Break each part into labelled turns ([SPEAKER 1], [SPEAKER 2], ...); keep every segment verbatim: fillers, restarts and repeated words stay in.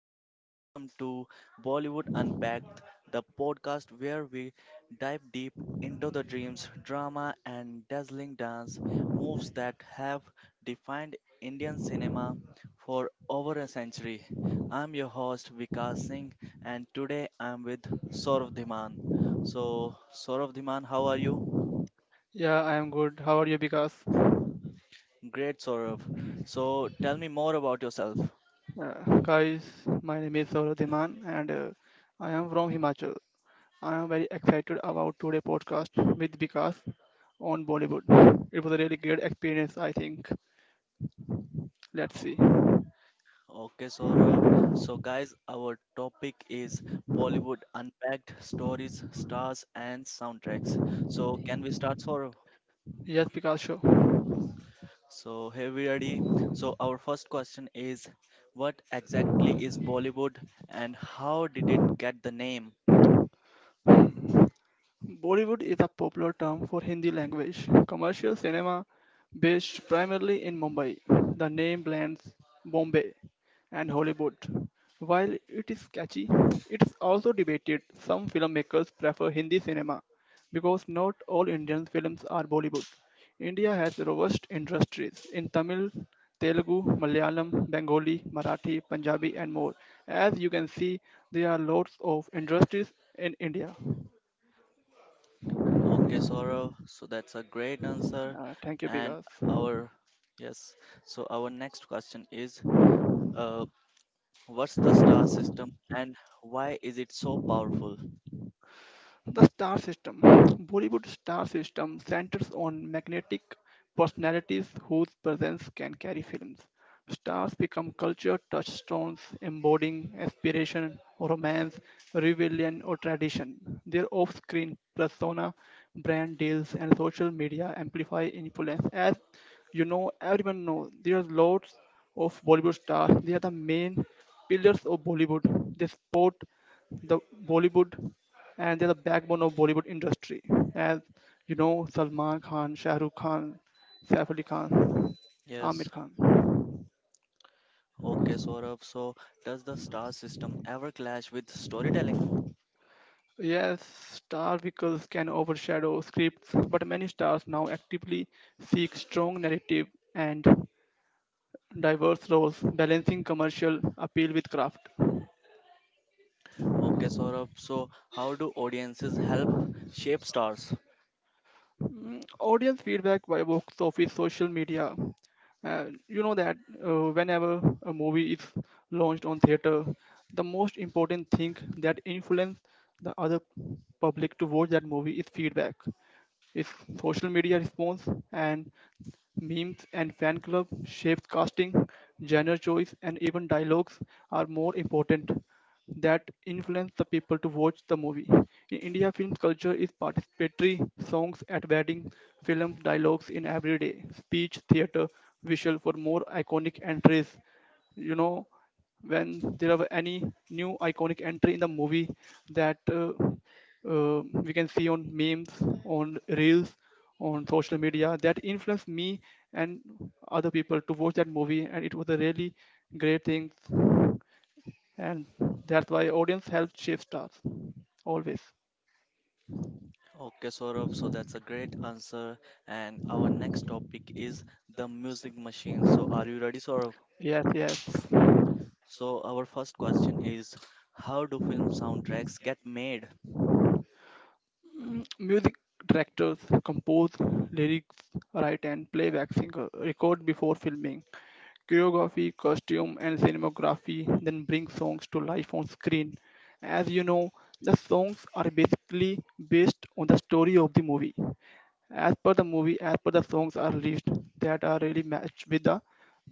[SPEAKER 1] and welcome to Bollywood Unpacked, the podcast where we dive deep into the dreams, drama, and dazzling dance moves that have defined Indian cinema for over a century. I'm your host Vikas Singh, and today I'm with Saurav Dhiman. So, Saurav Dhiman, how are you?
[SPEAKER 2] Yeah, I am good. How are you guys?
[SPEAKER 1] Great, Saurav. So, tell me more about yourself.
[SPEAKER 2] Uh, guys, my name is Saurabh Dhiman and uh, I am from Himachal. I am very excited about today's podcast with Vikas on Bollywood. It was a really great experience, I think. Let's see.
[SPEAKER 1] Okay, Saurav. So, guys, our topic is Bollywood Unpacked Stories, Stars, and Soundtracks. So, can we start, Saurav?
[SPEAKER 2] Yes, Vikas, sure.
[SPEAKER 1] So, here we ready. So, our first question is: what exactly is Bollywood and how did it get the name?
[SPEAKER 2] Bollywood is a popular term for Hindi language commercial cinema based primarily in Mumbai. The name blends Bombay and Hollywood. While it is catchy, it is also debated. Some filmmakers prefer Hindi cinema because not all Indian films are Bollywood. India has robust industries in Tamil, Telugu, Malayalam, Bengali, Marathi, Punjabi, and more. As you can see, there are lots of industries in India.
[SPEAKER 1] Okay, Saurav. So, that's a great answer.
[SPEAKER 2] Uh, thank you,
[SPEAKER 1] And
[SPEAKER 2] Bigas.
[SPEAKER 1] our, yes, so our next question is uh, what's the star system and why is it so powerful?
[SPEAKER 2] The star system. Bollywood star system centers on magnetic personalities whose presence can carry films. Stars become culture touchstones, embodying aspiration, romance, rebellion, or tradition. Their off screen persona, brand deals, and social media amplify influence. As you know, everyone knows there are lots of Bollywood stars. They are the main pillars of Bollywood. They support the Bollywood and they're the backbone of Bollywood industry. As you know, Salman Khan, Shah Rukh Khan, Saif Ali Khan, Amir
[SPEAKER 1] Yes.
[SPEAKER 2] Khan.
[SPEAKER 1] Okay, Saurabh. So, does the star system ever clash with storytelling?
[SPEAKER 2] Yes, star vehicles can overshadow scripts, but many stars now actively seek strong narrative and diverse roles, balancing commercial appeal with craft.
[SPEAKER 1] Okay, Saurabh. So, how do audiences help shape stars?
[SPEAKER 2] Mm, Audience feedback by box office, social media. Uh, you know that uh, whenever a movie is launched on theater, the most important thing that influence the other public to watch that movie is feedback. His social media response and memes and fan club shapes casting, genre choice, and even dialogues are more important that influence the people to watch the movie. In India, film culture is participatory songs at weddings, films, dialogues in everyday speech, theater, visual for more iconic entries. You know, when there are any new iconic entry in the movie that uh, uh, we can see on memes, on reels, on social media that influenced me and other people to watch that movie, and it was a really great thing. And that's why audience helps shape stars always.
[SPEAKER 1] Okay, Saurabh. So, that's a great answer. And our next topic is the music machine. So, are you ready, Saurabh?
[SPEAKER 2] Yes, yes.
[SPEAKER 1] So, our first question is: how do film soundtracks get made?
[SPEAKER 2] Mm, Music directors compose lyrics, write, and playback singer record before filming. Choreography, costume, and cinematography, then bring songs to life on screen. As you know, the songs are basically based on the story of the movie. As per the movie, as per the songs are released that are really matched with the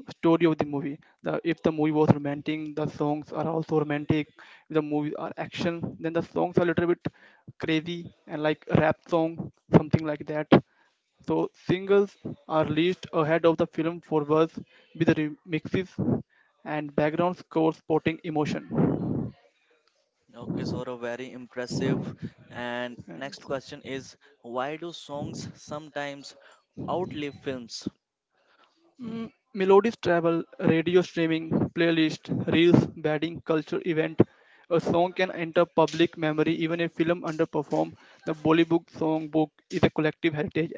[SPEAKER 2] story of the movie. The, if the movie was romantic, the songs are also romantic. If the movies are action, then the songs are a little bit crazy and like rap song, something like that. So singles are released ahead of the film for words with the remixes and background score supporting emotion.
[SPEAKER 1] Okay,
[SPEAKER 2] Yes.
[SPEAKER 1] Saurabh. Very impressive. And next question is: why do songs sometimes outlive films?
[SPEAKER 2] Mm, melodies travel, radio streaming, playlist, reels, badding, culture event. A song can enter public memory even if film underperform. The Bollywood song book is a collective heritage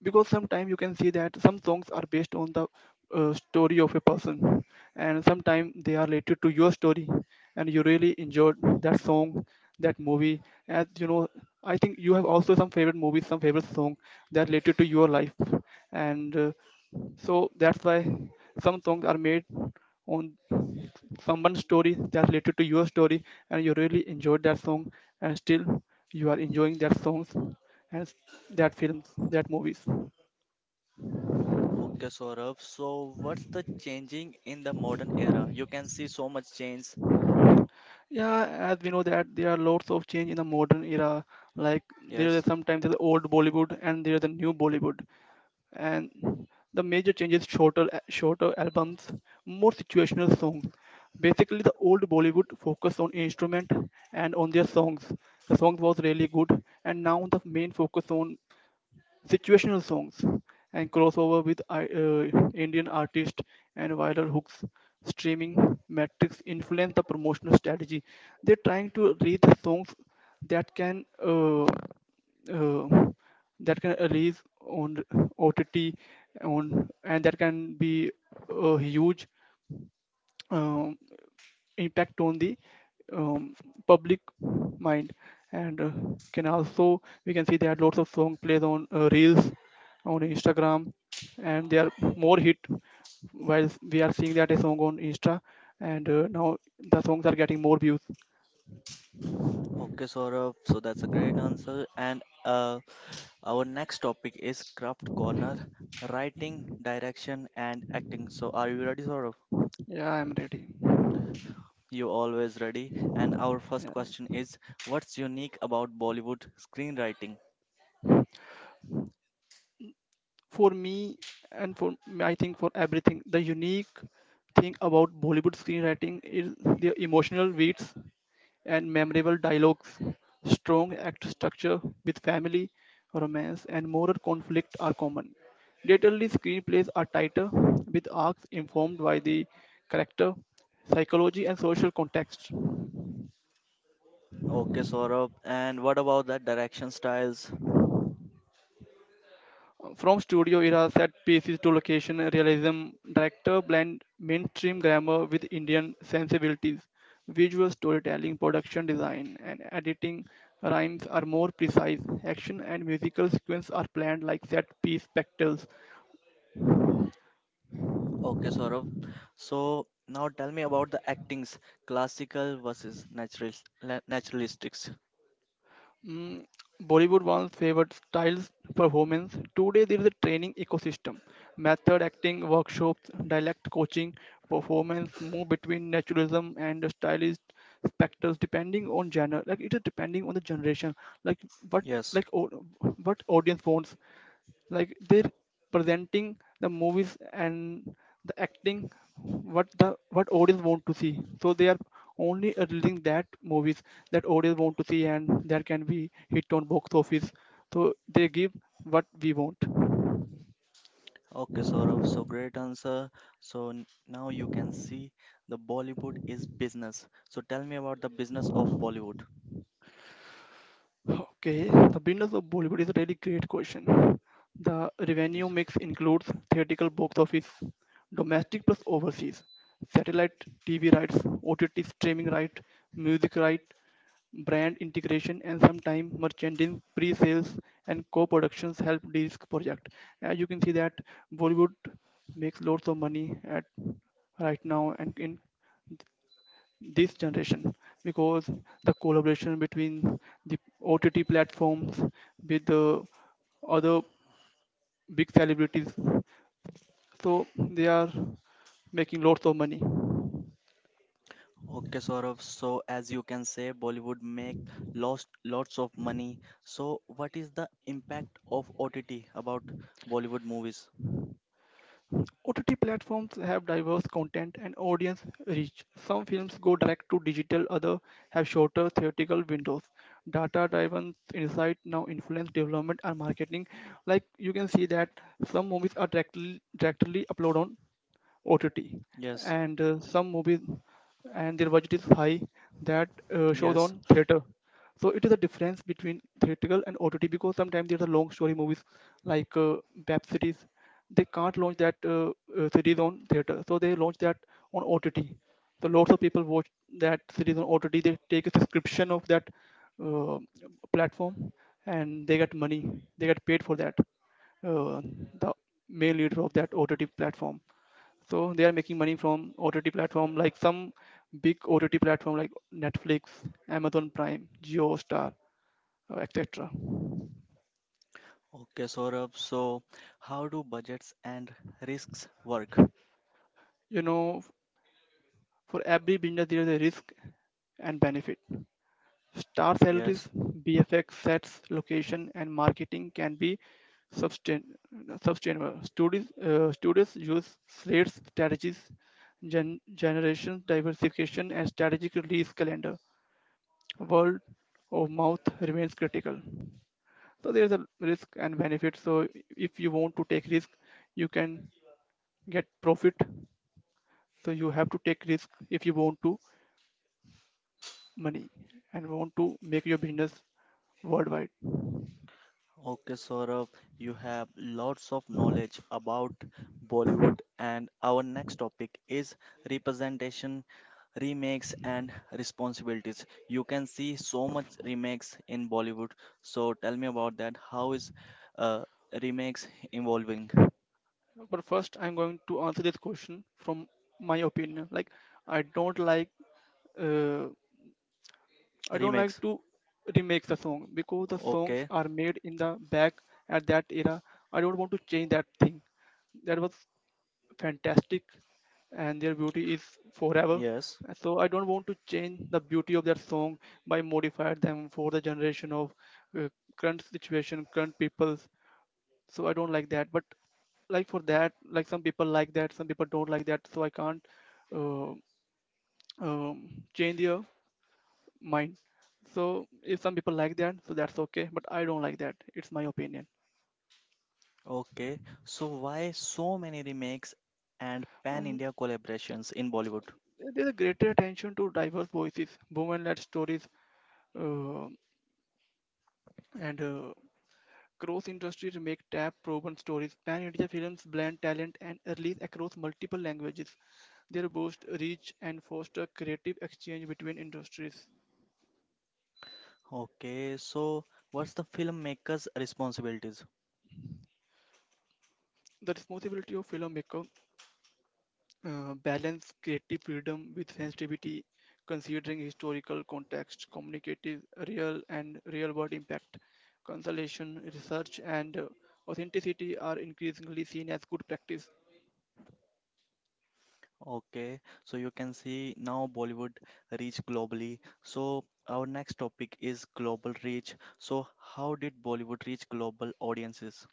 [SPEAKER 2] because sometimes you can see that some songs are based on the uh, story of a person and sometimes they are related to your story and you really enjoyed that song that movie as you know, I think you have also some favorite movies, some favorite song that related to your life, and uh, so that's why some songs are made on someone's story that related to your story and you really enjoyed that song and still you are enjoying that songs and that films that movies.
[SPEAKER 1] Okay, Saurabh. So, what's the changing in the modern era? You can see so much change.
[SPEAKER 2] Yeah, as we know that there are lots of change in the modern era. Like there is
[SPEAKER 1] Yes.
[SPEAKER 2] sometimes the old Bollywood and there is the new Bollywood, and the major change is shorter, shorter albums, more situational songs. Basically, the old Bollywood focused on instrument and on their songs. The songs was really good, and now the main focus on situational songs, and crossover with I- uh, Indian artists and viral hooks. Streaming metrics influence the promotional strategy. They're trying to reach songs that can uh, uh, that can release on O T T on and that can be uh, huge. Um, Impact on the um, public mind and uh, can also we can see there are lots of song plays on uh, reels on Instagram and they are more hit while we are seeing that a song on insta and uh, now the songs are getting more views.
[SPEAKER 1] Okay, Saurabh. So that's a great answer. And uh, our next topic is craft corner, writing, direction, and acting. So, are you ready, Saurabh?
[SPEAKER 2] Yeah, I'm ready.
[SPEAKER 1] You always ready. And our first question is, what's unique about Bollywood screenwriting?
[SPEAKER 2] Yeah. For me and for me, I think for everything the unique thing about Bollywood screenwriting is their emotional beats and memorable dialogues, strong act structure with family romance and moral conflict are common. Laterally, screenplays are tighter, with arcs informed by the character, psychology, and social context.
[SPEAKER 1] Okay, Saurabh. And what about that direction styles?
[SPEAKER 2] From studio era set pieces to location realism, director blend mainstream grammar with Indian sensibilities. Visual storytelling, production design, and editing rhymes are more precise. Action and musical sequences are planned like set piece spectacles.
[SPEAKER 1] Okay, Saurav. So now tell me about the actings, classical versus natural naturalistics.
[SPEAKER 2] Mm, Bollywood once favored styles performance. Today there is a training ecosystem, method acting workshops, dialect coaching, performance move between naturalism and the stylist specters depending on genre. Like it is depending on the generation. Like what
[SPEAKER 1] Yes.
[SPEAKER 2] like o- what audience wants, like they're presenting the movies and the acting what the what audience want to see, so they are only releasing that movies that audience want to see and that can be hit on box office, so they give what we want.
[SPEAKER 1] Okay, Saurav. So great answer. So n- now you can see the Bollywood is business. So tell me about the business of Bollywood.
[SPEAKER 2] Okay, the business of Bollywood is a really great question. The revenue
[SPEAKER 1] Yes.
[SPEAKER 2] mix includes theatrical box office, domestic plus overseas, satellite T V rights, OTT streaming right, music right, brand integration and sometime merchandising, pre-sales, and co-productions help de-risk project. As you can see that Bollywood makes lots of money at right now and in this generation because the collaboration between the O T T platforms with the other big celebrities, so they are making lots of money.
[SPEAKER 1] Okay, Saurav. So as you can say, Bollywood make lost lots of money. So what is the impact of O T T about Bollywood movies?
[SPEAKER 2] O T T platforms have diverse content and audience reach. Some films go direct to digital, others have shorter theatrical windows. Data driven insight now influence development and marketing. Like you can see that some movies are directly directly uploaded on O T T,
[SPEAKER 1] Yes.
[SPEAKER 2] and uh, some movies and their budget is high that uh, shows
[SPEAKER 1] Yes.
[SPEAKER 2] on theater. So it is a difference between theatrical and O T T because sometimes there's a long story movies like uh, Bap series. They can't launch that uh, uh, series on theater, so they launch that on O T T. So lots of people watch that series on O T T. They take a subscription of that uh, platform and they get money. They get paid for that. Uh, the main leader of that O T T platform, so they are making money from O T T platform like some big O T T platform like Netflix, Amazon Prime, Geostar, uh, etc.
[SPEAKER 1] Okay, Saurabh. So, how do budgets and risks work?
[SPEAKER 2] You know, for every business there is a risk and benefit. Star salaries,
[SPEAKER 1] Yes.
[SPEAKER 2] bfx sets, location and marketing can be sustain, sustainable studies uh, studies use slates strategies, gen- generation diversification and strategic release calendar, word of mouth remains critical. So there's a risk and benefit, so if you want to take risk you can get profit, so you have to take risk if you want to money and want to make your business worldwide.
[SPEAKER 1] Okay, Saurabh. You have lots of knowledge about Bollywood, and our next topic is representation, remakes, and responsibilities. You can see so much remakes in Bollywood. So, tell me about that. How is uh, remakes evolving?
[SPEAKER 2] But first I'm going to answer this question from my opinion. Like I don't like uh, I don't like
[SPEAKER 1] Remakes.
[SPEAKER 2] to remake the song because the songs
[SPEAKER 1] Okay.
[SPEAKER 2] are made in the back at that era. I don't want to change that thing that was fantastic and their beauty is forever.
[SPEAKER 1] Yes.
[SPEAKER 2] So I don't want to change the beauty of that song by modify them for the generation of uh, current situation, current people. So I don't like that. But like for that, like some people like that, some people don't like that. So I can't uh, um, change their mind. So if some people like that, so that's okay. But I don't like that. It's my opinion.
[SPEAKER 1] Okay. So why so many remakes and
[SPEAKER 2] Um,
[SPEAKER 1] pan-India collaborations in Bollywood?
[SPEAKER 2] there's a greater attention to diverse voices, women-led stories, Uh, and uh, cross industry make tap proven stories. Pan India films blend talent and release across multiple languages. They boost reach and foster creative exchange between industries.
[SPEAKER 1] Okay. So what's the filmmaker's responsibilities?
[SPEAKER 2] The responsibility of filmmaker uh, balance creative freedom with sensitivity, considering historical context, communicative, real and real world impact, consolation, research, and uh, authenticity are increasingly seen as good practice.
[SPEAKER 1] Okay. So you can see now Bollywood reach globally. So our next topic is global reach. So how did Bollywood reach global audiences?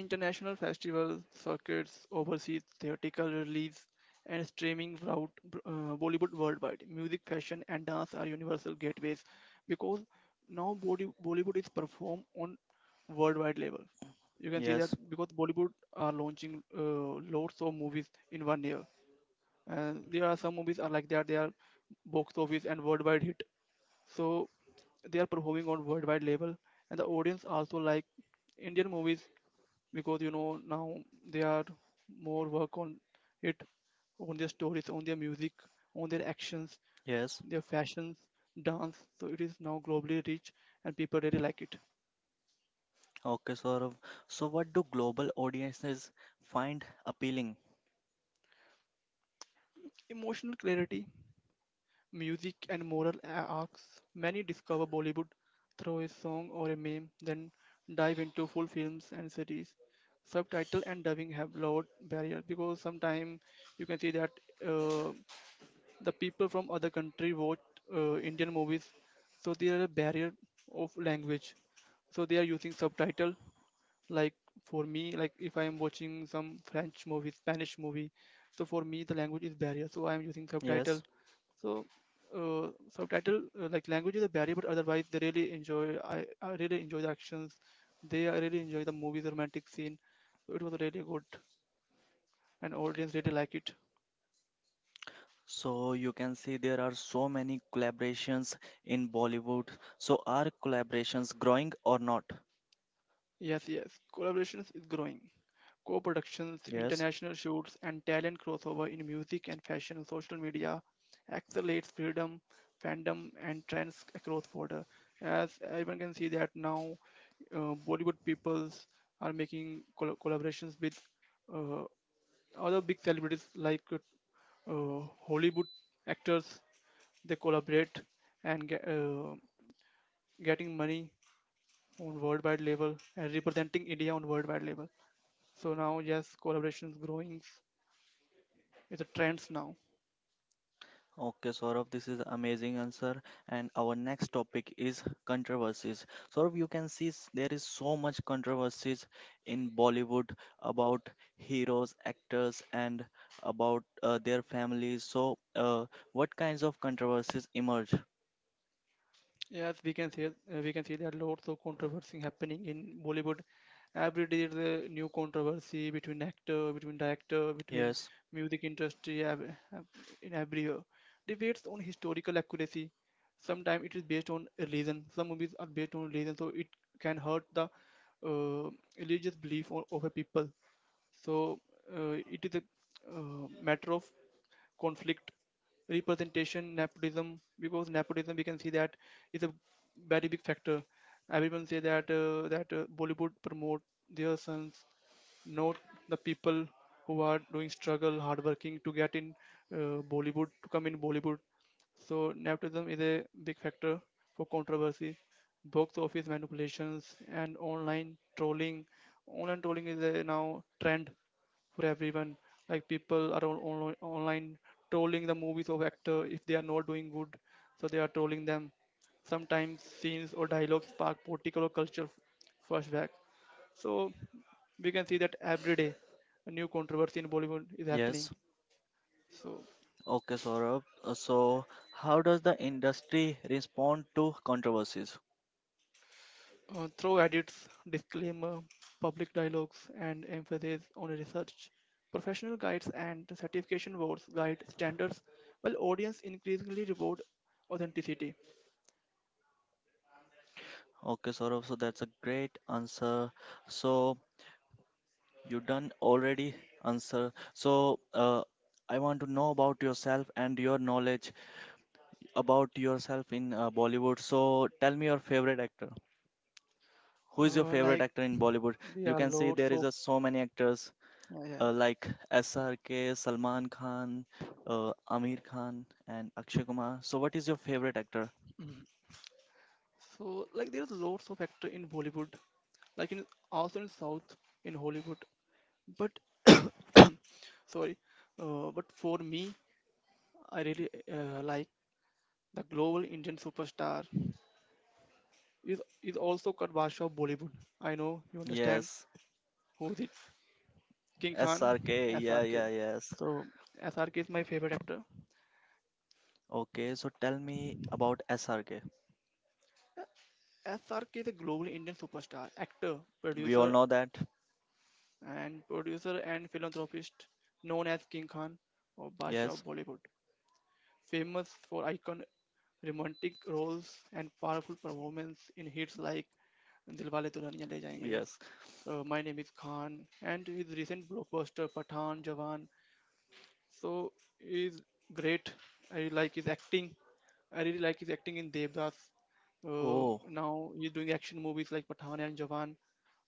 [SPEAKER 2] International festival circuits overseas theatrical release and streaming route uh, Bollywood worldwide. Music, fashion, and dance are universal gateways because now Bolly- Bollywood is performed on worldwide level. You can see that
[SPEAKER 1] Yes.
[SPEAKER 2] because Bollywood are launching uh, lots of movies in one year, and there are some movies are like that. They are box office and worldwide hit, so they are performing on worldwide level, and the audience also like Indian movies because you know now they are more work on it on their stories on their music on their actions
[SPEAKER 1] Yes.
[SPEAKER 2] their fashions dance so it is now globally rich and people really like it.
[SPEAKER 1] Okay, Saurabh. So, what do global audiences find appealing?
[SPEAKER 2] Emotional clarity, music, and moral a- arcs. Many discover Bollywood through a song or a meme, then dive into full films and series. Subtitle and dubbing have lowered barrier because sometimes you can see that uh, the people from other country watch uh, Indian movies, so there are a barrier of language. So they are using subtitle. Like for me, like if I am watching some French movie, Spanish movie, so for me the language is barrier. So I am using subtitle.
[SPEAKER 1] Yes.
[SPEAKER 2] So uh, subtitle uh, like language is a barrier, but otherwise they really enjoy. I, I really enjoy the actions. They I really enjoy the movie's romantic scene. It was really good, and audience really like it.
[SPEAKER 1] So you can see there are so many collaborations in Bollywood. So are collaborations growing or not?
[SPEAKER 2] Yes, yes, collaborations is growing. Co-productions,
[SPEAKER 1] Yes.
[SPEAKER 2] international shoots, and talent crossover in music and fashion, social media accelerates freedom, fandom, and trends across border. As everyone can see that now, uh, Bollywood peoples are making col- collaborations with uh, other big celebrities like uh, Hollywood actors. They collaborate and get, uh, getting money on worldwide level and representing India on worldwide level. So now, yes, collaborations growing it's a trends now.
[SPEAKER 1] Okay, Saurabh, this is amazing answer. And our next topic is controversies. Saurabh, you can see s- there is so much controversies in Bollywood about heroes, actors, and about uh, their families. So, uh, what kinds of controversies emerge?
[SPEAKER 2] Yes, we can see uh, we can see there are lots of controversy happening in Bollywood. Every day there's a new controversy between actor, between director, between
[SPEAKER 1] Yes,
[SPEAKER 2] music industry ev- ev- in every year. Debates on historical accuracy. Sometimes it is based on religion. Some movies are based on religion, so it can hurt the uh, religious belief o- of a people. So uh, it is a uh, matter of conflict representation nepotism because nepotism we can see that is a very big factor everyone say that uh, that uh, Bollywood promote their sons not the people who are doing struggle hard working to get in uh, Bollywood to come in Bollywood so nepotism is a big factor for controversy, box office manipulations and online trolling. Online trolling is a now trend for everyone. Like people are on, on, online trolling the movies of actor if they are not doing good, so they are trolling them. Sometimes scenes or dialogues spark political or cultural flashback. So we can see that every day a new controversy in Bollywood is happening.
[SPEAKER 1] yes.
[SPEAKER 2] So
[SPEAKER 1] Okay, Saurabh. Uh, So, how does the industry respond to controversies?
[SPEAKER 2] Uh, through edits, disclaimer, public dialogues, and emphasis on research, professional guides and certification boards guide standards, while audience increasingly reward authenticity.
[SPEAKER 1] Okay, Saurabh, so that's a great answer. So, you done already answer. So uh, I want to know about yourself and your knowledge about yourself in uh, Bollywood. So tell me your favorite actor. Who is your
[SPEAKER 2] Uh,
[SPEAKER 1] favorite
[SPEAKER 2] like
[SPEAKER 1] actor in Bollywood? You
[SPEAKER 2] there are
[SPEAKER 1] can see
[SPEAKER 2] loads
[SPEAKER 1] there is
[SPEAKER 2] of.
[SPEAKER 1] a so many actors
[SPEAKER 2] Yeah, yeah.
[SPEAKER 1] uh, like S R K, Salman Khan, uh, Amir Khan, and Akshay Kumar. So what is your favorite actor?
[SPEAKER 2] Mhm. So like there's lots of actor in Bollywood, like in also in South in Hollywood, but sorry, uh, but for me, I really uh, like the global Indian superstar is, is also called Basha of Bollywood. I know you understand
[SPEAKER 1] Yes,
[SPEAKER 2] who is it. King Khan,
[SPEAKER 1] S R K. Yeah,
[SPEAKER 2] S R K.
[SPEAKER 1] yeah, yes.
[SPEAKER 2] So S R K is my favorite actor.
[SPEAKER 1] Okay, so tell me about S R K.
[SPEAKER 2] S R K is a global Indian superstar, actor,
[SPEAKER 1] We all
[SPEAKER 2] producer,
[SPEAKER 1] know that.
[SPEAKER 2] and producer and philanthropist known as King Khan or Basha of
[SPEAKER 1] Yes,
[SPEAKER 2] Bollywood, famous for icon romantic roles and powerful performance in hits like Dilwale Dulhaniya Le Jayenge,
[SPEAKER 1] yes.
[SPEAKER 2] Uh, my Name Is Khan, and his recent blockbuster Pathan Jawan so is great. I really like his acting. I really like his acting in Devdas. Uh,
[SPEAKER 1] Oh,
[SPEAKER 2] now he's doing action movies like Pathan and Jawan.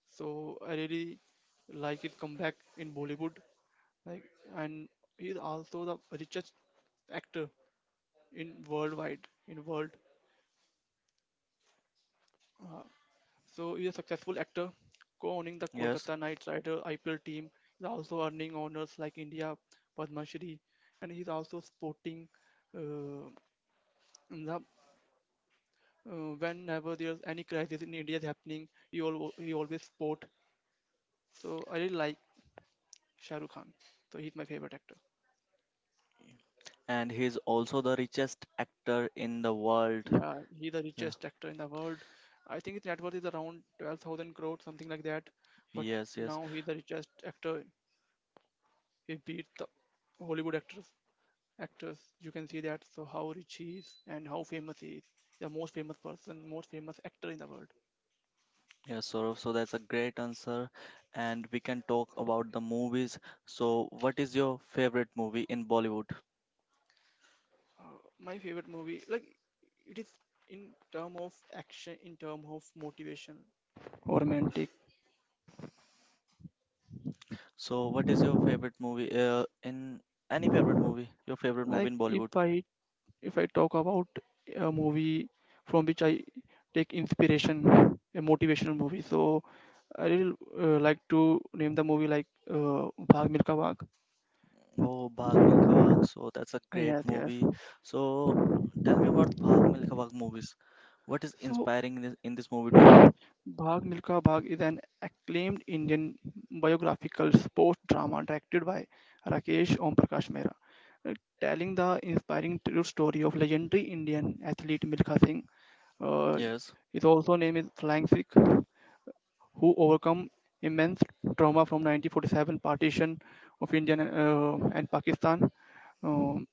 [SPEAKER 2] So I really like his comeback in Bollywood. Like, and he's also the richest actor in worldwide in world. Uh, So he's a successful actor, co-owning the
[SPEAKER 1] yes.
[SPEAKER 2] Kolkata Knight Rider I P L team. He's also earning honors like India Padma Shri, and he's also supporting uh, the, uh, whenever there's any crisis in India is happening, he al- he always support. So I really like Shah Rukh Khan. So he's my favorite actor.
[SPEAKER 1] And he is also the richest actor in the world.
[SPEAKER 2] Yeah, he's the
[SPEAKER 1] Yeah.
[SPEAKER 2] richest actor in the world. I think his net worth is around twelve thousand crore, something like that. But
[SPEAKER 1] Yes, yes,
[SPEAKER 2] now he's the richest actor. He beat the Hollywood actors. Actors, you can see that. So how rich he is and how famous he is. The most famous person, most famous actor in the world.
[SPEAKER 1] yes, Saurav. So that's a great answer. And we can talk about the movies. So, what is your favorite movie in Bollywood?
[SPEAKER 2] Uh, my favorite movie, like it is in term of action, in term of motivation, romantic.
[SPEAKER 1] So, what is your favorite movie uh, in any favorite movie? Your favorite movie
[SPEAKER 2] Like
[SPEAKER 1] in
[SPEAKER 2] if
[SPEAKER 1] Bollywood?
[SPEAKER 2] I if I talk about a movie from which I take inspiration, a motivational movie. So I really uh, like to name the movie like uh, Bhag Milkha Bhag.
[SPEAKER 1] Oh, Bhag Milkha Bhag. So that's a great
[SPEAKER 2] Yes, yes.
[SPEAKER 1] movie. So tell me about Bhag Milkha Bhag movies. What is
[SPEAKER 2] So
[SPEAKER 1] inspiring in this, in this movie to you?
[SPEAKER 2] Bhag Milka Bhag is an acclaimed Indian biographical sports drama directed by Rakesh Om Prakash Mehra, uh, telling the inspiring true story of legendary Indian athlete Milkha Singh. Uh,
[SPEAKER 1] Yes,
[SPEAKER 2] his also name is Flying Sikh, who overcome immense trauma from nineteen forty-seven partition of India uh, and Pakistan um,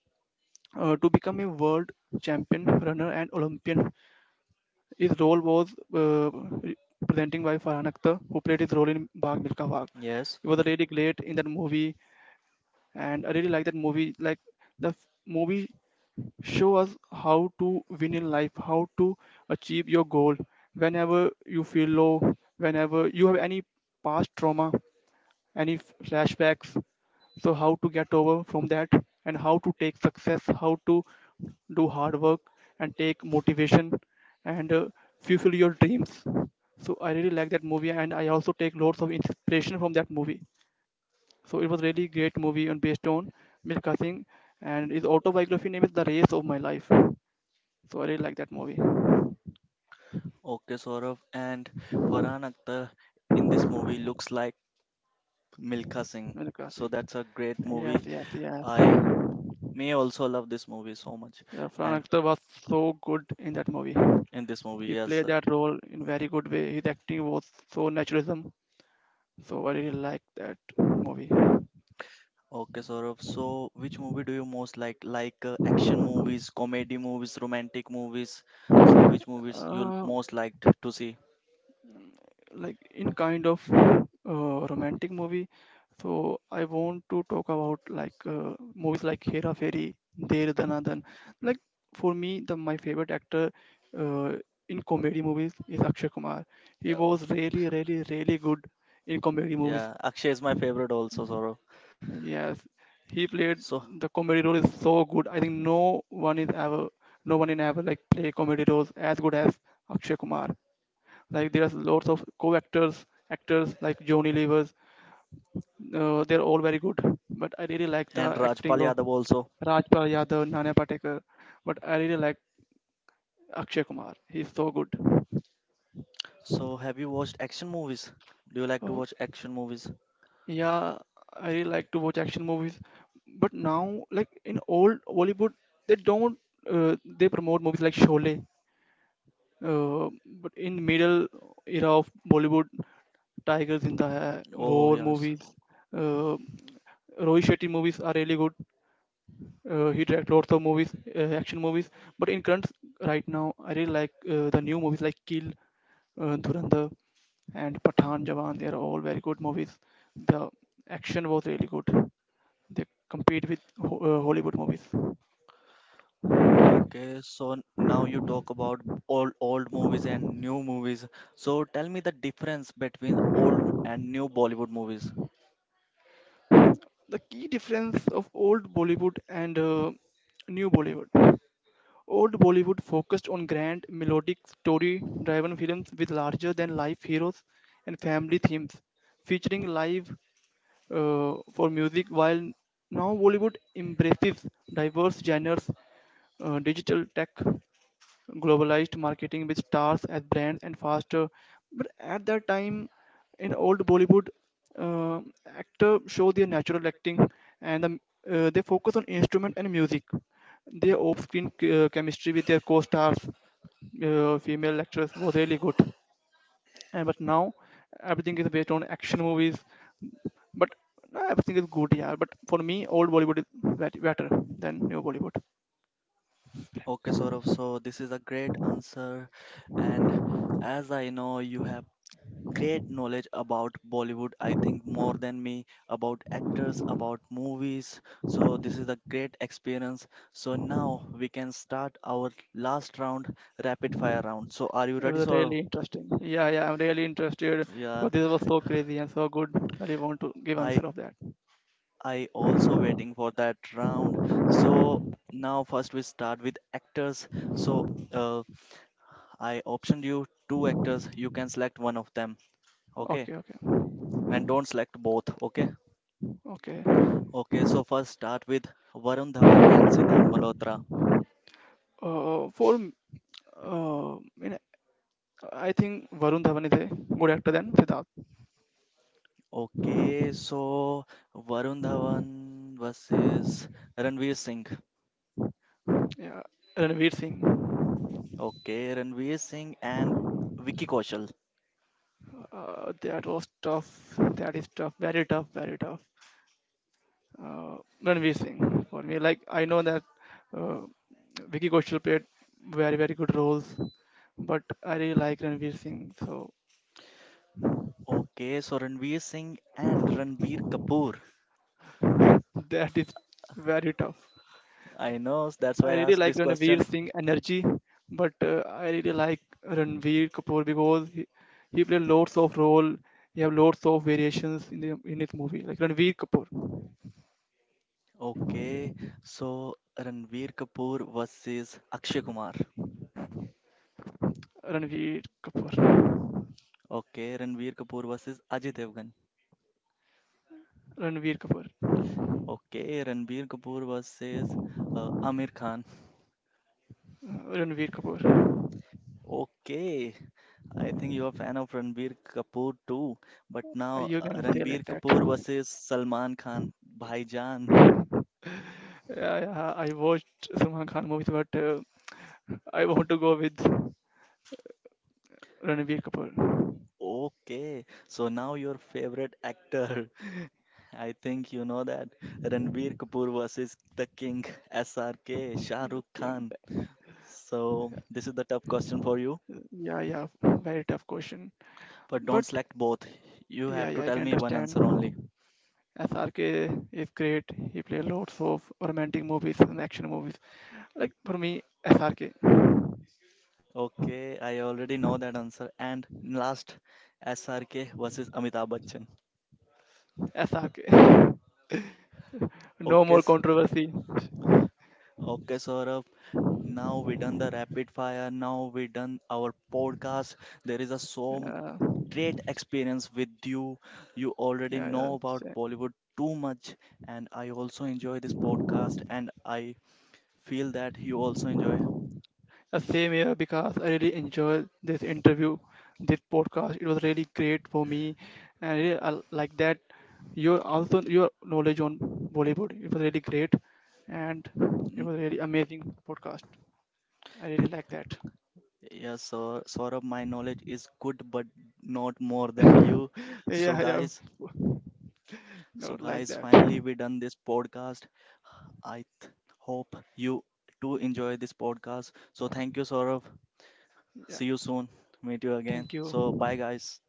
[SPEAKER 2] uh, to become a world champion runner and Olympian. His role was uh, re- representing by Farhan Akhtar, who played his role in Bhag Milka Bhag.
[SPEAKER 1] yes.
[SPEAKER 2] It was really great in that movie, and I really like that movie. Like the f- movie show us how to win in life, how to achieve your goal. Whenever you feel low, whenever you have any past trauma, any f- flashbacks, so how to get over from that and how to take success how to do hard work and take motivation and uh, fulfill your dreams. So I really like that movie, and I also take lots of inspiration from that movie. So it was really great movie and based on Milka Singh, and his autobiography name is The Race of My Life. So I really like that movie.
[SPEAKER 1] Okay, Saurav, and Farhan Akhtar in this movie looks like Milkha Singh.
[SPEAKER 2] Milka
[SPEAKER 1] So
[SPEAKER 2] Singh.
[SPEAKER 1] that's a great
[SPEAKER 2] Yes,
[SPEAKER 1] movie.
[SPEAKER 2] yes, yes.
[SPEAKER 1] I may also love this movie so much.
[SPEAKER 2] Yeah, Fran
[SPEAKER 1] And
[SPEAKER 2] Akhtar was so good in that movie.
[SPEAKER 1] in this movie,
[SPEAKER 2] He
[SPEAKER 1] yes.
[SPEAKER 2] played that role in very good way. His acting was so naturalism. So I really like that movie.
[SPEAKER 1] Okay, Saurabh. So, which movie do you most like? Like uh, action movies, comedy movies, romantic movies. So, which movies you
[SPEAKER 2] Uh,
[SPEAKER 1] most liked to see?
[SPEAKER 2] like in kind of uh, romantic movie. So I want to talk about like uh, movies like Hera Fairy, Dear Danadan. Like for me, the my favorite actor uh, in comedy movies is Akshay Kumar. He
[SPEAKER 1] Yeah, oh,
[SPEAKER 2] was really, really, really good in comedy movies.
[SPEAKER 1] yeah. Akshay is my favorite also, Saurabh.
[SPEAKER 2] Yes, he played
[SPEAKER 1] So,
[SPEAKER 2] the comedy role is so good. I think no one is ever, no one in ever like play comedy roles as good as Akshay Kumar. Like there's lots of co-actors, actors like Johnny Levers. Uh, they're all very good, but I really like the
[SPEAKER 1] and Rajpal
[SPEAKER 2] acting of
[SPEAKER 1] Yadav also.
[SPEAKER 2] Rajpal Yadav,
[SPEAKER 1] Yeah.
[SPEAKER 2] Nana Patekar. But I really like Akshay Kumar. He's so good.
[SPEAKER 1] So, have you watched action movies? Do you like to
[SPEAKER 2] Oh,
[SPEAKER 1] watch action movies?
[SPEAKER 2] yeah, I really like to watch action movies, but now like in old Bollywood, they don't uh, they promote movies like Sholay. Uh, but in middle era of Bollywood, Tiger Zinda Hai,
[SPEAKER 1] Oh,
[SPEAKER 2] War
[SPEAKER 1] yes.
[SPEAKER 2] movies, uh, Rohit Shetty movies are really good. Uh, he direct lots of movies, uh, action movies. But in current right now, I really like uh, the new movies like Kill, uh, Dhurandhar, and Pathan Jawan. They are all very good movies. The action was really good. They compete with Ho- uh, Hollywood movies.
[SPEAKER 1] Okay, so n- now you talk about old old movies and new movies. So, tell me the difference between old and new Bollywood movies.
[SPEAKER 2] The key difference of old Bollywood and uh, new Bollywood. Old Bollywood focused on grand, melodic, story driven films with larger than life heroes and family themes, featuring live uh, for music, while now Bollywood embraces diverse genres, uh, digital tech globalized marketing with stars as brands and faster. But at that time, in old Bollywood, uh, actor show their natural acting and the, uh, they focus on instrument and music. Their off-screen uh, chemistry with their co-stars, uh, female actress, was really good. And but now everything is based on action movies. But no, everything is good, yeah. But for me, old Bollywood is very better than new Bollywood.
[SPEAKER 1] Okay, Saurav, so this is a great answer. And as I know, you have great knowledge about Bollywood, I think more than me, about actors, about movies. So this is a great experience. So now we can start our last round, rapid fire round. So are you
[SPEAKER 2] It
[SPEAKER 1] ready,
[SPEAKER 2] was
[SPEAKER 1] Saurav?
[SPEAKER 2] really interesting. Yeah, yeah, I'm really interested
[SPEAKER 1] Yeah,
[SPEAKER 2] because this was so crazy and so good. I really want to give
[SPEAKER 1] I
[SPEAKER 2] answer of that.
[SPEAKER 1] I also waiting for that round. So now first we start with actors. So uh, I optioned you two actors. You can select one of them. Okay,
[SPEAKER 2] Okay, okay,
[SPEAKER 1] and don't select both. Okay,
[SPEAKER 2] okay.
[SPEAKER 1] okay. So first start with Varun Dhawan and Siddhant Malhotra.
[SPEAKER 2] Uh, for m- uh, you know, I think Varun Dhawan is a good actor than Siddharth.
[SPEAKER 1] Okay, so Varun Dhawan versus Ranveer Singh.
[SPEAKER 2] Yeah, Ranveer Singh.
[SPEAKER 1] Okay, Ranveer Singh and Vicky Kaushal.
[SPEAKER 2] Uh, that was tough. That is tough. Very tough. Very tough. Uh, Ranveer Singh for me. Like I know that uh, Vicky Kaushal played very very good roles, but I really like Ranveer Singh. So
[SPEAKER 1] Okay, so Ranveer Singh and Ranbir Kapoor.
[SPEAKER 2] that is very tough.
[SPEAKER 1] I know, that's why
[SPEAKER 2] I
[SPEAKER 1] I
[SPEAKER 2] really
[SPEAKER 1] asked
[SPEAKER 2] like
[SPEAKER 1] this
[SPEAKER 2] Ranveer
[SPEAKER 1] question.
[SPEAKER 2] Singh energy, but uh, I really like Ranveer Kapoor because he, he played lots of role. He have lots of variations in the in his movie. Like Ranveer Kapoor,
[SPEAKER 1] Okay, so Ranveer Kapoor versus Akshay Kumar.
[SPEAKER 2] Ranveer Kapoor,
[SPEAKER 1] Okay, Ranveer Kapoor versus Ajay Devgan.
[SPEAKER 2] Ranveer Kapoor,
[SPEAKER 1] Okay, Ranbir Kapoor versus uh, Amir Khan.
[SPEAKER 2] uh, Ranveer Kapoor.
[SPEAKER 1] Okay, I think you're a fan of Ranbir Kapoor too. But
[SPEAKER 2] Uh,
[SPEAKER 1] now
[SPEAKER 2] You
[SPEAKER 1] uh,
[SPEAKER 2] can say like
[SPEAKER 1] Ranbir Kapoor
[SPEAKER 2] that.
[SPEAKER 1] versus Salman Khan, Bhaijan.
[SPEAKER 2] Yeah, yeah, I watched Salman Khan movies, but uh, I want to go with Ranveer Kapoor,
[SPEAKER 1] Okay, so now your favorite actor. I think you know that Ranbir Kapoor versus the King, S R K, Shah
[SPEAKER 2] the
[SPEAKER 1] Rukh
[SPEAKER 2] king.
[SPEAKER 1] Khan. So this is the tough question for you,
[SPEAKER 2] Yeah, yeah, very tough question.
[SPEAKER 1] but don't
[SPEAKER 2] But
[SPEAKER 1] select both. You have
[SPEAKER 2] yeah,
[SPEAKER 1] to
[SPEAKER 2] yeah,
[SPEAKER 1] tell
[SPEAKER 2] I can
[SPEAKER 1] me one answer only.
[SPEAKER 2] understand. S R K is great. He plays lots of romantic movies and action movies. Like for me, S R K.
[SPEAKER 1] Okay, I already know that answer. And last, S R K versus Amitabh Bachchan.
[SPEAKER 2] S R K No
[SPEAKER 1] Okay,
[SPEAKER 2] more
[SPEAKER 1] s-
[SPEAKER 2] controversy.
[SPEAKER 1] okay, Saurabh. Now we done the rapid fire. Now we done our podcast. There is a so m-
[SPEAKER 2] Yeah,
[SPEAKER 1] great experience with you. You already
[SPEAKER 2] yeah, yeah.
[SPEAKER 1] know about
[SPEAKER 2] sa-
[SPEAKER 1] Bollywood too much, and I also enjoy this podcast. And I feel that you also enjoy.
[SPEAKER 2] uh, Same here because I really enjoyed this interview, this podcast. It was really great for me, and I really uh, like that. Your also your knowledge on Bollywood. It was really great, and it
[SPEAKER 1] N-
[SPEAKER 2] was really amazing podcast. I really like that.
[SPEAKER 1] Yes, sir. Saurabh, my knowledge is good, but not more than you. So,
[SPEAKER 2] Yeah, yeah,
[SPEAKER 1] guys, So,
[SPEAKER 2] no, like
[SPEAKER 1] guys,
[SPEAKER 2] that.
[SPEAKER 1] finally we done this podcast. I th- hope you too enjoy this podcast. So, thank you, Saurav.
[SPEAKER 2] Yeah,
[SPEAKER 1] See you soon. Meet you again.
[SPEAKER 2] thank you.
[SPEAKER 1] So, bye, guys.